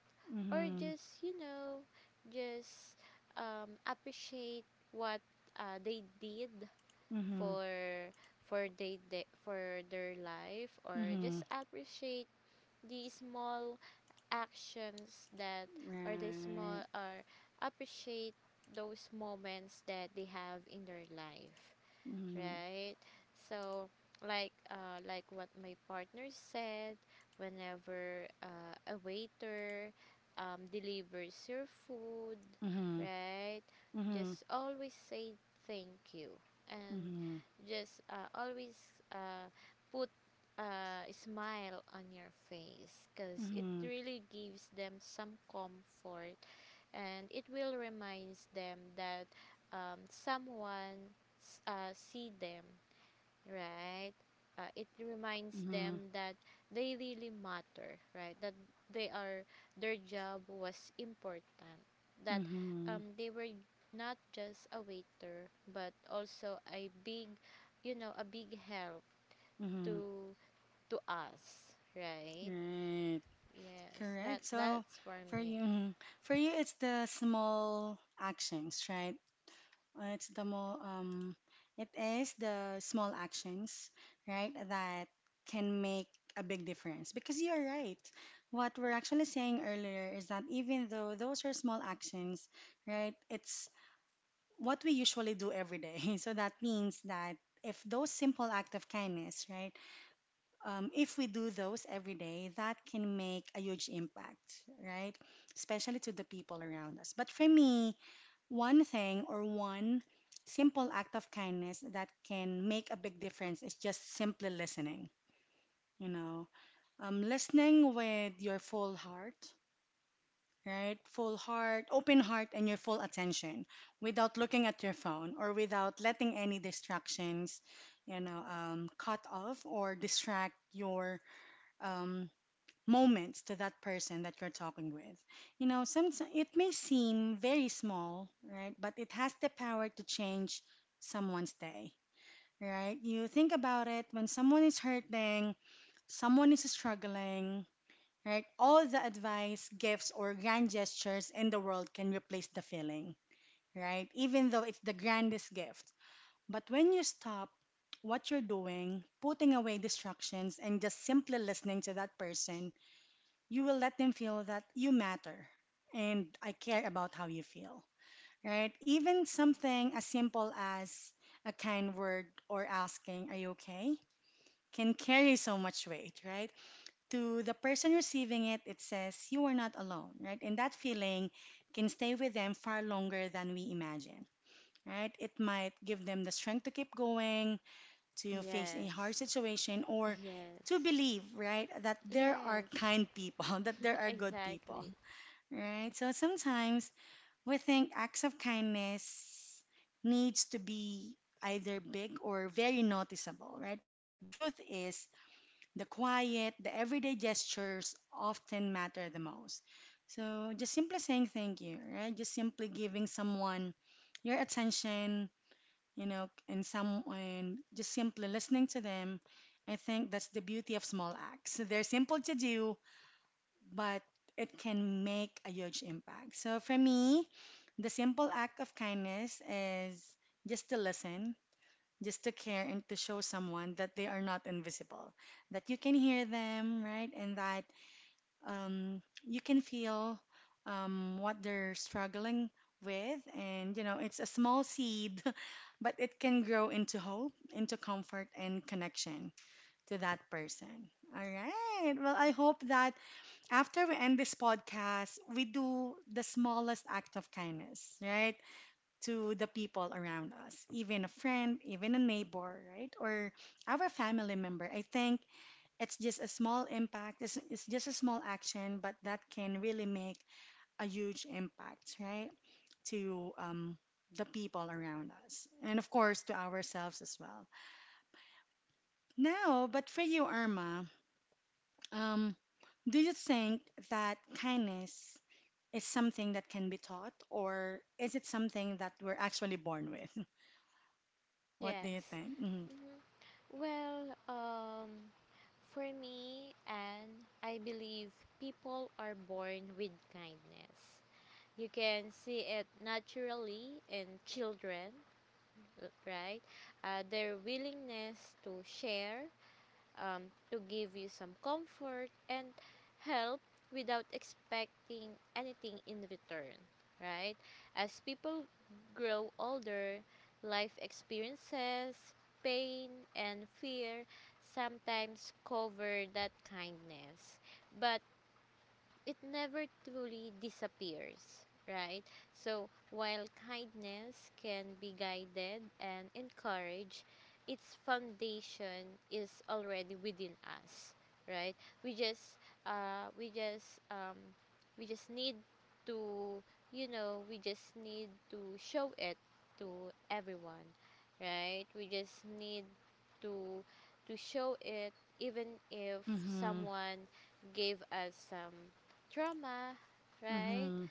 S2: or just, just appreciate what they did
S1: Mm-hmm. Mm-hmm.
S2: for for they for their life, or
S1: Mm-hmm.
S2: just appreciate the small actions that or the
S1: Right.
S2: small or appreciate those moments that they have in their life,
S1: Mm-hmm.
S2: right? So like, like what my partner said, whenever a waiter delivers your food,
S1: Mm-hmm.
S2: right?
S1: Mm-hmm.
S2: Just always say thank you, and
S1: Mm-hmm.
S2: just always uh put a smile on your face, because it
S1: Mm-hmm.
S2: really gives them some comfort and it will reminds them that, someone, see them, right? It reminds
S1: Mm-hmm.
S2: them that they really matter, right? That they are, their job was important, that,
S1: Mm-hmm.
S2: they were not just a waiter but also a big, a big help
S1: Mm-hmm.
S2: to to us, right?
S1: Right.
S2: Yes, that
S1: Correct. So
S2: that's for
S1: for
S2: me.
S1: you, mhm. For you, it's the small actions, right? Uh, It's the more um, it is the small actions, right, that can make a big difference. Because you're right. What we're actually saying earlier is that even though those are small actions, right, it's what we usually do every day. So that means that if those simple act of kindness, right, if we do those every day, that can make a huge impact, right? Especially to the people around us. But for me, one thing or one simple act of kindness that can make a big difference is just simply listening, you know, listening with your full heart. Right, full heart, open heart, and your full attention without looking at your phone or without letting any distractions, you know, cut off or distract your um, moments to that person that you're talking with. You know, some it may seem very small, right? But it has the power to change someone's day, right? You think about it when someone is hurting, someone is struggling, right? All the advice, gifts, or grand gestures in the world can replace the feeling, right? Even though it's the grandest gift. But when you stop what you're doing, putting away distractions, and just simply listening to that person, you will let them feel that you matter and I care about how you feel, right? Even something as simple as a kind word or asking, are you okay? can carry so much weight, right? To the person receiving it, it says, you are not alone, right? And that feeling can stay with them far longer than we imagine. Right? It might give them the strength to keep going, to face a
S2: Yes.
S1: hard situation, or
S2: Yes.
S1: to believe, right, that there are
S2: Yes,
S1: kind people, that there are good people
S2: exactly.
S1: right? So sometimes we think acts of kindness needs to be either big or very noticeable, right? But the truth is the quiet, the everyday gestures often matter the most. So just simply saying thank you, right? Just simply giving someone your attention, you know, and just simply listening to them. I think that's the beauty of small acts. They're simple to do, but it can make a huge impact. So for me, the simple act of kindness is just to listen, just to care, and to show someone that they are not invisible, that you can hear them, right? And that you can feel what they're struggling with. And, you know, it's a small seed, but it can grow into hope, into comfort, and connection to that person. All right. Well, I hope that after we end this podcast, we do the smallest act of kindness, right? To the people around us, even a friend, even a neighbor, right? Or our family member. I think it's just a small impact, it's just a small action, but that can really make a huge impact, right? To the people around us, and of course, to ourselves as well. Now, but for you, Irma, um, do you think that kindness is something that can be taught, or is it something that we're actually born with? What do you
S2: Yes.
S1: think? Mm-hmm.
S2: Hmm. Well, um, for me, and I believe people are born with kindness. You can see it naturally in children, right? Their willingness to share, to give you some comfort and help without expecting anything in return, right? As people grow older, life experiences, pain, and fear sometimes cover that kindness. But it never truly disappears, right? So while kindness can be guided and encouraged, its foundation is already within us, right? We just uh we just um we just need to, we just need to show it to everyone, right? We just need to to show it even if
S1: Mm-hmm.
S2: someone gave us some trauma, right?
S1: Mm-hmm.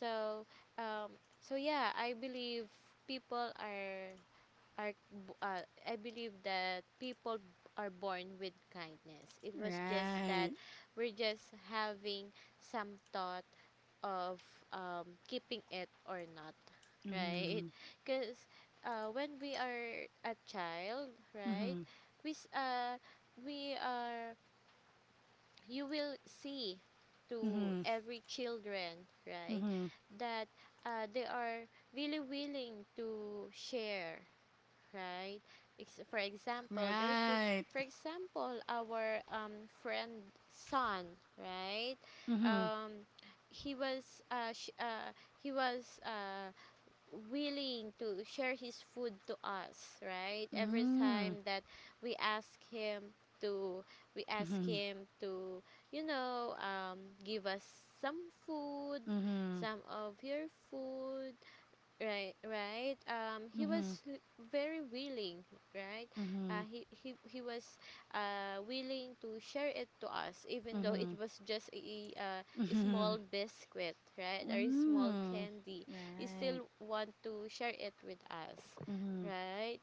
S2: So, um, so yeah, I believe people are I believe that people are born with kindness. It was just that
S1: Right.
S2: we're just having some thought of, keeping it or not, right?
S1: Mm-hmm.
S2: Because, when we are a child, right,
S1: Mm-hmm.
S2: we s- we are you will see to
S1: Mm-hmm.
S2: every children, right?
S1: Mm-hmm.
S2: That, they are really willing to share, right? Ex- for example their food,
S1: Right.
S2: for example our, friend son, right?
S1: Mm-hmm.
S2: Um, he was sh- he was willing to share his food to us, right? Every
S1: Mm.
S2: time that we ask him to we ask him to, you know, um give us some food,
S1: Mm-hmm.
S2: some of your food, right, right. He
S1: Mm-hmm.
S2: was, very willing, right?
S1: Mm-hmm.
S2: He was willing to share it to us, even though it
S1: Mm-hmm.
S2: was just a
S1: Mm-hmm.
S2: small biscuit, right? Or a small
S1: Mm-hmm. Mm.
S2: candy. He
S1: Right.
S2: still want to share it with us,
S1: Mm-hmm.
S2: right?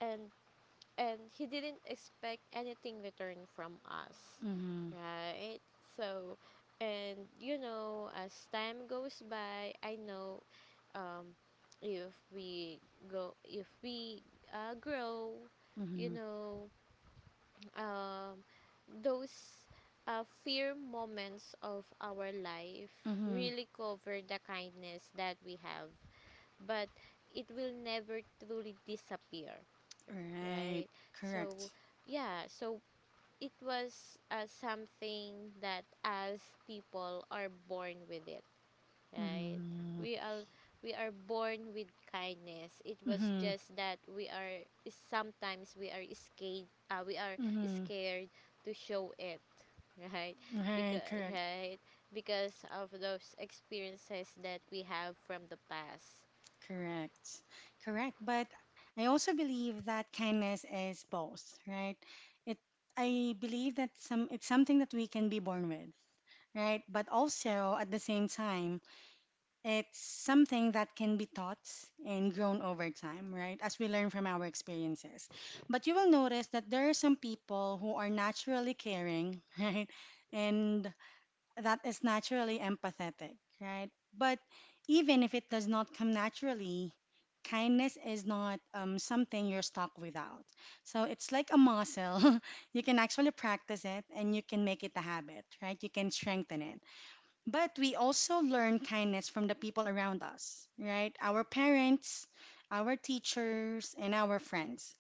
S2: And and he didn't expect anything return from us,
S1: Mm-hmm.
S2: right? So, and as time goes by, I know, um, if we if we, grow, you
S1: Mm-hmm.
S2: know um, those, fear moments of our life
S1: Mm-hmm.
S2: really cover the kindness that we have, but it will never truly disappear,
S1: Right.
S2: right? so
S1: Correct.
S2: yeah so it was something that as people are born with it, right?
S1: Mm-hmm.
S2: We are we are born with kindness. It was
S1: Mm-hmm.
S2: just that we are sometimes we are scared. We are
S1: Mm-hmm.
S2: scared to show it, right?
S1: Right,
S2: Because
S1: correct,
S2: right because of those experiences that we have from the past.
S1: correct, correct. But I also believe that kindness is both, right? It, I believe that it's something that we can be born with, right? But also at the same time, it's something that can be taught and grown over time, right? As we learn from our experiences. But you will notice that there are some people who are naturally caring, right? And that is naturally empathetic, right? But even if it does not come naturally, kindness is not something you're stuck without. So it's like a muscle. You can actually practice it and you can make it a habit, right? You can strengthen it. But we also learn kindness from the people around us, right? Our parents, our teachers, and our friends.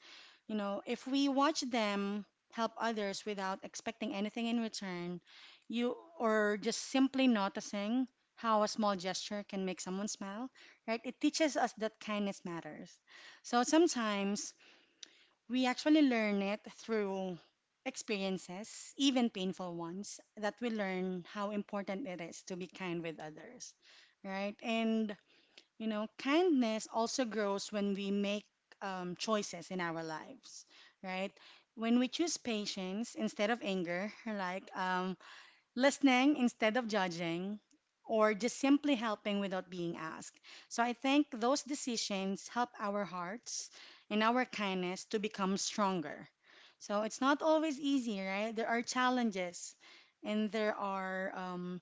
S1: You know, if we watch them help others without expecting anything in return, you or just simply noticing how a small gesture can make someone smile, right? It teaches us that kindness matters. So sometimes we actually learn it through experiences, even painful ones, that we learn how important it is to be kind with others, right? And you know, kindness also grows when we make choices in our lives, right? When we choose patience instead of anger, like listening instead of judging, or just simply helping without being asked. So I think those decisions help our hearts and our kindness to become stronger. So it's not always easy, right? There are challenges and there are um,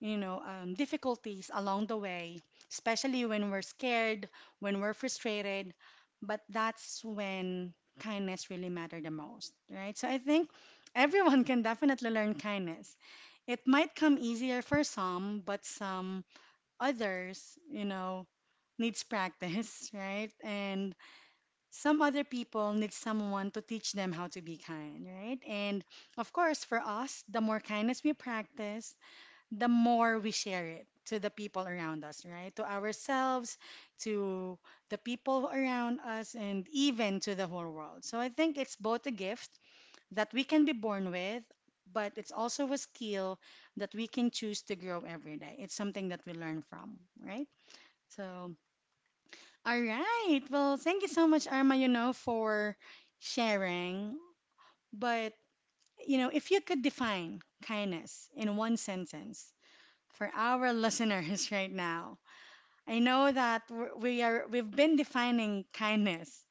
S1: you know, um, difficulties along the way, especially when we're scared, when we're frustrated. But that's when kindness really matter the most, right? So I think everyone can definitely learn kindness. It might come easier for some, but some others, you know, needs practice, right? And some other people need someone to teach them how to be kind, right? And of course, for us, the more kindness we practice, the more we share it to the people around us, right? To ourselves, to the people around us, and even to the whole world. So I think it's both a gift that we can be born with, but it's also a skill that we can choose to grow every day. It's something that we learn from, right? So, all right. Well, thank you so much, Arma, you know, for sharing. But, you know, if you could define kindness in one sentence, for our listeners right now. I know that we've been defining kindness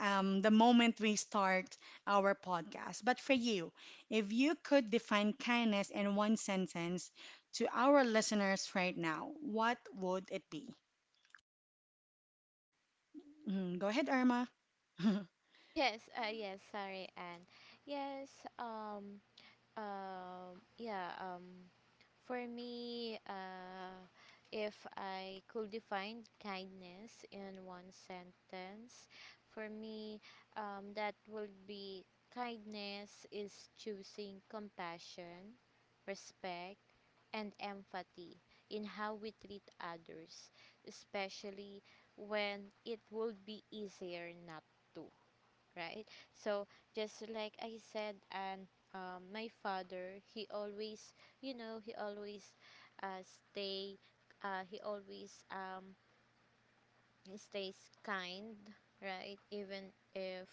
S1: the moment we start our podcast. But for you, if you could define kindness in one sentence to our listeners right now, what would it be? Mhm, go ahead, Irma.
S2: Yes, sorry, and yes, um, um, yeah, um, for me, if I could define kindness in one sentence, for me, that would be, kindness is choosing compassion, respect, and empathy in how we treat others, especially when it would be easier not to, right? So just like I said, and, my father, he always, you know, he always uh, stay, he always stays kind, right? Even if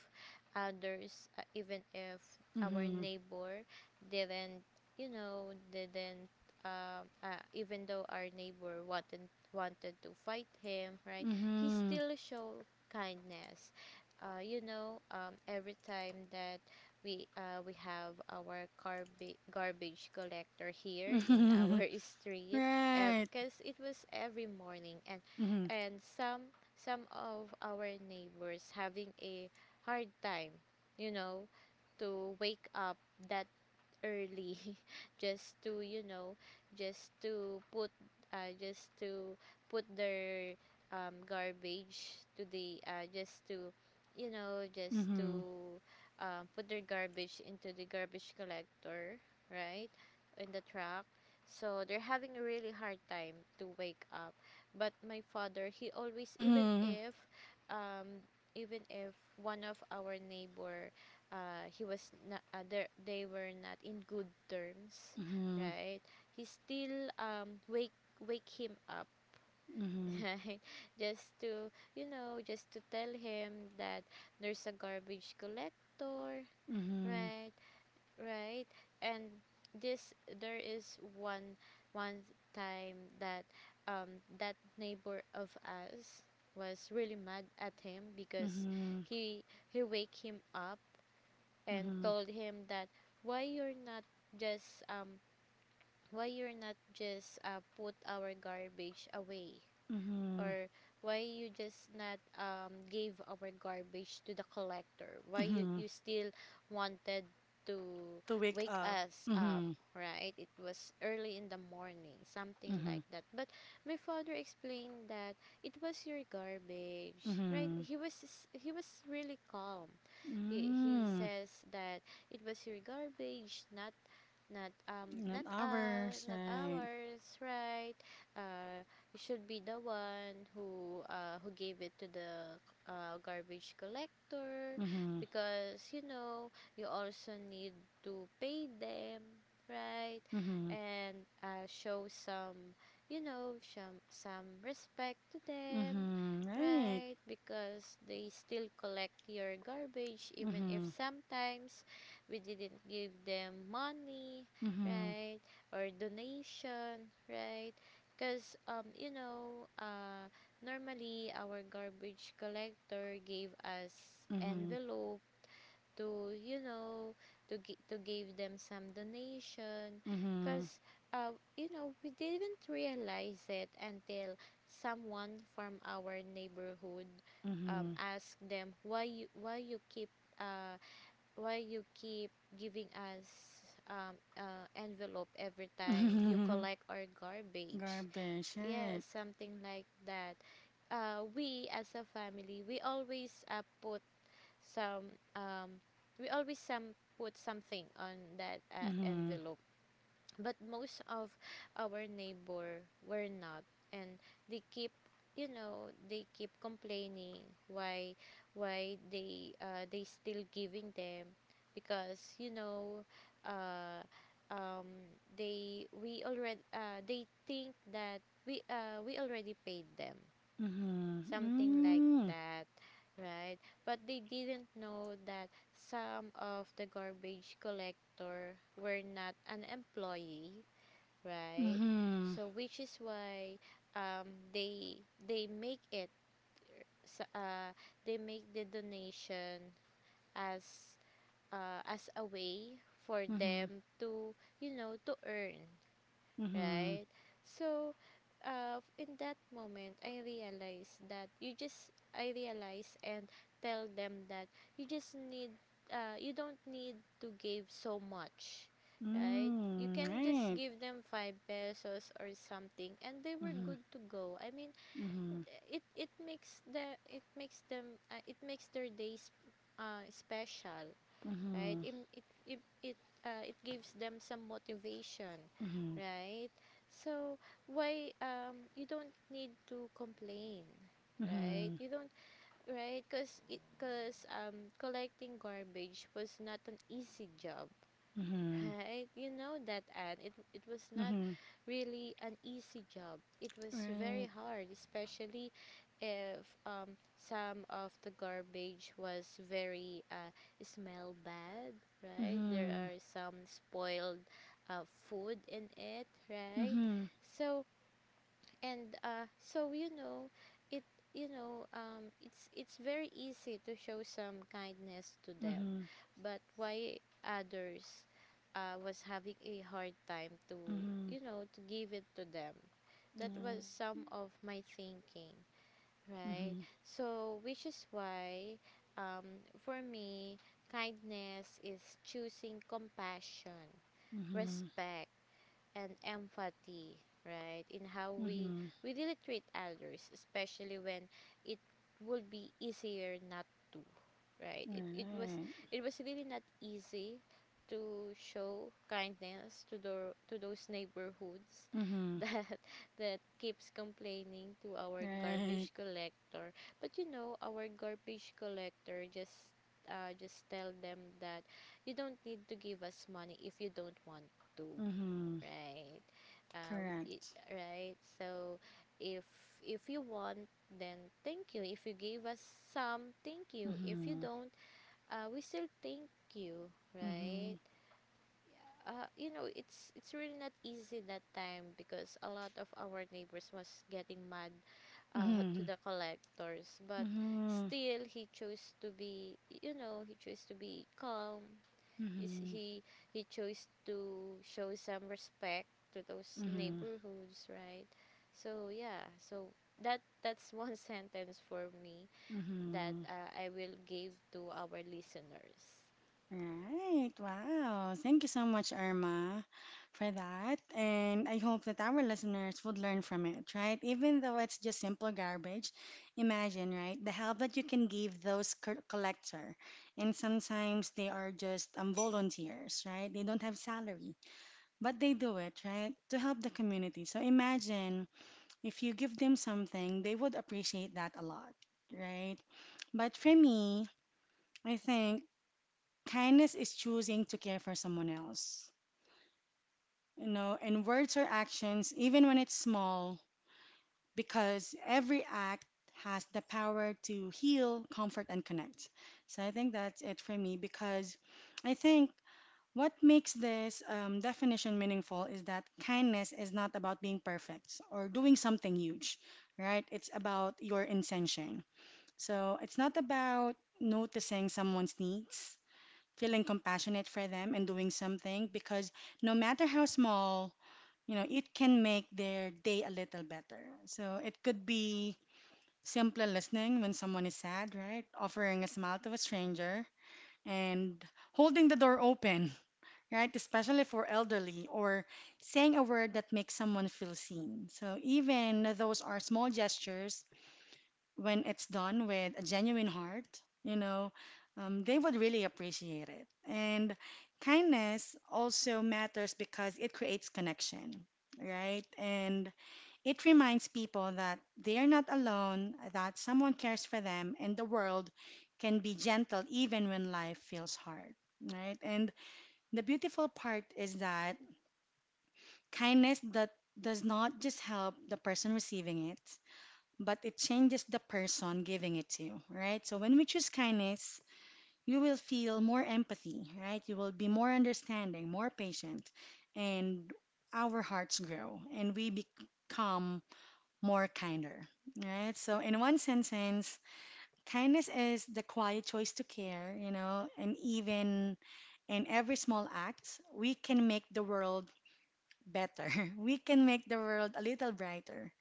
S2: others, even if our
S1: Mm-hmm.
S2: neighbor didn't, you know, didn't, even though our neighbor wanted to fight him, right? He
S1: Mm-hmm.
S2: still show kindness. Every time that we have our garbage collector here in
S1: Mm-hmm.
S2: our street,
S1: Right.
S2: because it was every morning, and
S1: Mm-hmm.
S2: and some of our neighbors having a hard time, you know, to wake up that early just to just to put just to put their garbage to the just to just
S1: Mm-hmm.
S2: to put their garbage into the garbage collector, right, in the truck, so they're having a really hard time to wake up. But my father, he always,
S1: Mm-hmm.
S2: um even if one of our neighbor, he was not they were not in good terms,
S1: Mm-hmm.
S2: right, he still wake him up,
S1: Mm-hmm.
S2: right, just to just to tell him that there's a garbage collector,
S1: Mm-hmm.
S2: right, right. And this there is one time that that neighbor of us was really mad at him because
S1: Mm-hmm.
S2: he he wake him up and told him that why you're not just why you're not just put our garbage away,
S1: Mm-hmm.
S2: or why you just not gave our garbage to the collector, why you,
S1: Mm-hmm.
S2: you still wanted to
S1: To wake
S2: wake
S1: up.
S2: us up,
S1: Mm-hmm.
S2: right? It was early in the morning, something
S1: Mm-hmm.
S2: like that. But my father explained that it was your garbage, right?
S1: Mm-hmm.
S2: He was he was really calm. He
S1: Mm.
S2: says that it was your garbage, not
S1: Not hours,
S2: not
S1: right?
S2: ours, right? uh you should be the one who gave it to the garbage collector,
S1: Mm-hmm.
S2: because, you know, you also need to pay them, right?
S1: Mm-hmm.
S2: And show some, you know, some respect to them,
S1: Mm-hmm. Right.
S2: right? Because they still collect your garbage, even if
S1: Mm-hmm.
S2: sometimes we didn't give them money,
S1: Mm-hmm.
S2: right? Or donation, right? Because, you know, normally our garbage collector gave us
S1: Mm-hmm.
S2: envelope to, you know, to give them some donation. Because, you know, we didn't realize it until someone from our neighborhood
S1: Mm-hmm. Mm-hmm.
S2: asked them, why uh, why you keep giving us envelope every time you collect our garbage.
S1: Garbage,
S2: Yeah,
S1: right?
S2: something like that. We as a family, we always put some, we always some put something on that
S1: Mm-hmm.
S2: envelope. But most of our neighbor were not, and they keep, you know, they keep complaining why why they still giving them. Because, you know, uh, um, they we already, they think that we already paid them,
S1: Mm-hmm.
S2: something like
S1: Mm.
S2: that, right? But they didn't know that some of the garbage collector were not an employee, right?
S1: Mm-hmm.
S2: So which is why, um, they make it, sa- uh, they make the donation as, as a way for
S1: Mm-hmm.
S2: them to, you know, to earn,
S1: Mm-hmm.
S2: right? So, in that moment, I realize that I realize and tell them that you just need, you don't need to give so much, right? You
S1: Mm.
S2: can just
S1: Right.
S2: give them five pesos or something, and they were
S1: Mm-hmm.
S2: good to go. I mean,
S1: Mm-hmm.
S2: it makes them, it makes their days special, right?
S1: Mm-hmm.
S2: It gives them some motivation,
S1: Mm-hmm.
S2: right? So why you don't need to complain, right?
S1: Mm-hmm.
S2: You don't, right, because it because collecting garbage was not an easy job.
S1: Mm-hmm.
S2: Right? You know that. And it was not
S1: Mm-hmm.
S2: really an easy job. It was very
S1: Right.
S2: hard, especially if, some of the garbage was very smell bad, right? There
S1: Mhm.
S2: are some spoiled uh, food in it, right?
S1: Mhm.
S2: So, and so, you know, it you know, it's very easy to show some kindness to them.
S1: Mhm.
S2: But why others was having a hard time to,
S1: Mhm.
S2: you know, to give it to them? That was some
S1: Right.
S2: of my thinking, right?
S1: Mhm.
S2: So which is why, for me, kindness is choosing compassion,
S1: Mhm.
S2: respect, and empathy, right? In how
S1: Mhm.
S2: we really treat others, especially when it would be easier not to, right?
S1: Right.
S2: It was really not easy to show kindness to the, to those neighborhoods,
S1: Mhm.
S2: that that keeps complaining to our
S1: Right.
S2: garbage collector. But you know, our garbage collector just, just tell them that you don't need to give us money if you don't want to.
S1: Mhm.
S2: Right.
S1: Correct.
S2: Right. So, if if you want, then thank you. If you gave us some, thank you. If you
S1: Mhm.
S2: don't, we still thank you. Right.
S1: Mhm.
S2: You know, it's really not easy that time because a lot of our neighbors was getting mad to
S1: Mhm.
S2: the collectors, but
S1: Mhm.
S2: still he chose to be, you know, he chose to be calm. Is
S1: Mhm.
S2: He chose to show some respect to those
S1: Mhm.
S2: neighborhoods, right? So yeah, so that's one sentence for me that,
S1: Mhm.
S2: I will give to our listeners.
S1: Right. Wow. Thank you so much, Irma, for that. And I hope that our listeners would learn from it, right? Even though it's just simple garbage, imagine, right? The help that you can give those collector. And sometimes they are just volunteers, right? They don't have salary, but they do it, right? To help the community. So imagine if you give them something, they would appreciate that a lot, right? But for me, I think kindness is choosing to care for someone else, you know, in words or actions, even when it's small, because every act has the power to heal, comfort, and connect. So I think that's it for me because I think what makes this definition meaningful is that kindness is not about being perfect or doing something huge, right? It's about your intention. So it's not about noticing someone's needs feeling compassionate for them and doing something because no matter how small, you know, it can make their day a little better. So it could be simply listening when someone is sad, right? Offering a smile to a stranger and holding the door open, right? Especially for elderly or saying a word that makes someone feel seen. So even those are small gestures when it's done with a genuine heart, you know, they would really appreciate it. And kindness also matters because it creates connection, right? And it reminds people that they are not alone, that someone cares for them, and the world can be gentle even when life feels hard, right? And the beautiful part is that kindness that does not just help the person receiving it, but it changes the person giving it to you, right? So when we choose kindness, you will feel more empathy, right? You will be more understanding, more patient, and our hearts grow and we become more kinder, right? So in one sentence, kindness is the quiet choice to care, you know, and even in every small act, we can make the world better. We can make the world a little brighter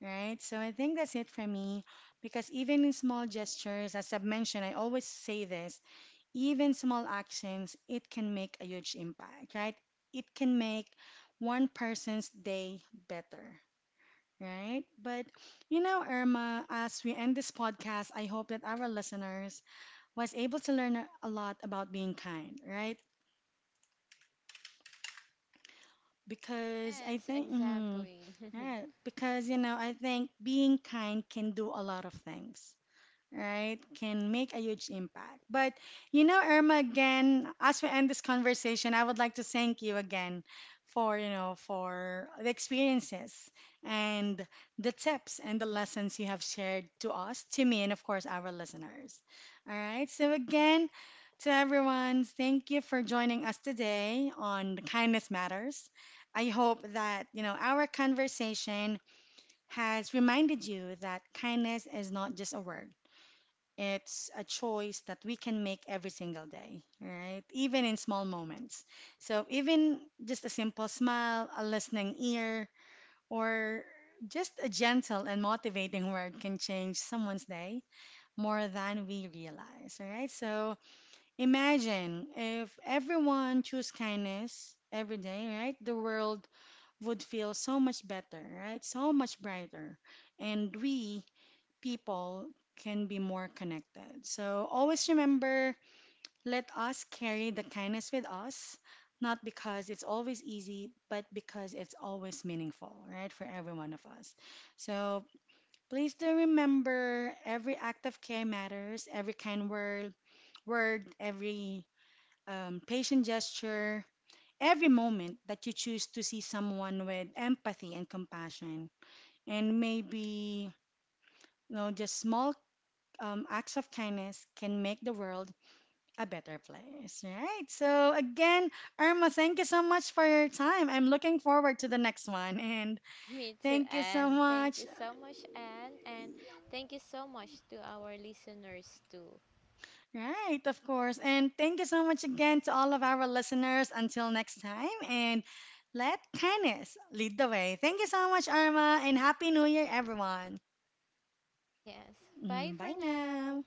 S1: right. So I think that's it for me because even in small gestures, as I've mentioned, I always say this, even small actions, it can make a huge impact, right? It can make one person's day better, right? But you know, Irma, as we end this podcast, I hope that our listeners was able to learn a lot about being kind, right? Because I
S2: Yes,
S1: think, mm,
S2: exactly.
S1: yeah, because you know, I think being kind can do a lot of things right, can make a huge impact. But you know, Irma, again, as we end this conversation, I would like to thank you again for, you know, for the experiences and the tips and the lessons you have shared to us, to me, and of course, our listeners. All right, so again, to everyone, thank you for joining us today on Kindness Matters. I hope that, you know, our conversation has reminded you that kindness is not just a word it's a choice that we can make every single day, right? Even in small moments. So, even just a simple smile, a listening ear, or just a gentle and motivating word can change someone's day more than we realize, right? So, imagine if everyone choose kindness every day, right? The world would feel so much better, right? So much brighter. And we people can be more connected. So always remember let us carry the kindness with us, not because it's always easy, but because it's always meaningful, right, for every one of us. So please do remember every act of care matters, every kind word, every patient gesture, every moment that you choose to see someone with empathy and compassion and maybe you know just small acts of kindness can make the world a better place, right? So, again, Irma, thank you so much for your time. I'm looking forward to the next one. And
S2: Me too,
S1: thank you so
S2: Anne. Thank you
S1: much.
S2: so much, Anne, and thank you so much to our listeners too.
S1: Right, of course. And thank you so much again to all of our listeners. Until next time, and let kindness lead the way. Thank you so much, Irma, and Happy New Year, everyone.
S2: Yes. Bye
S1: Mm, bye
S2: for now.
S1: now.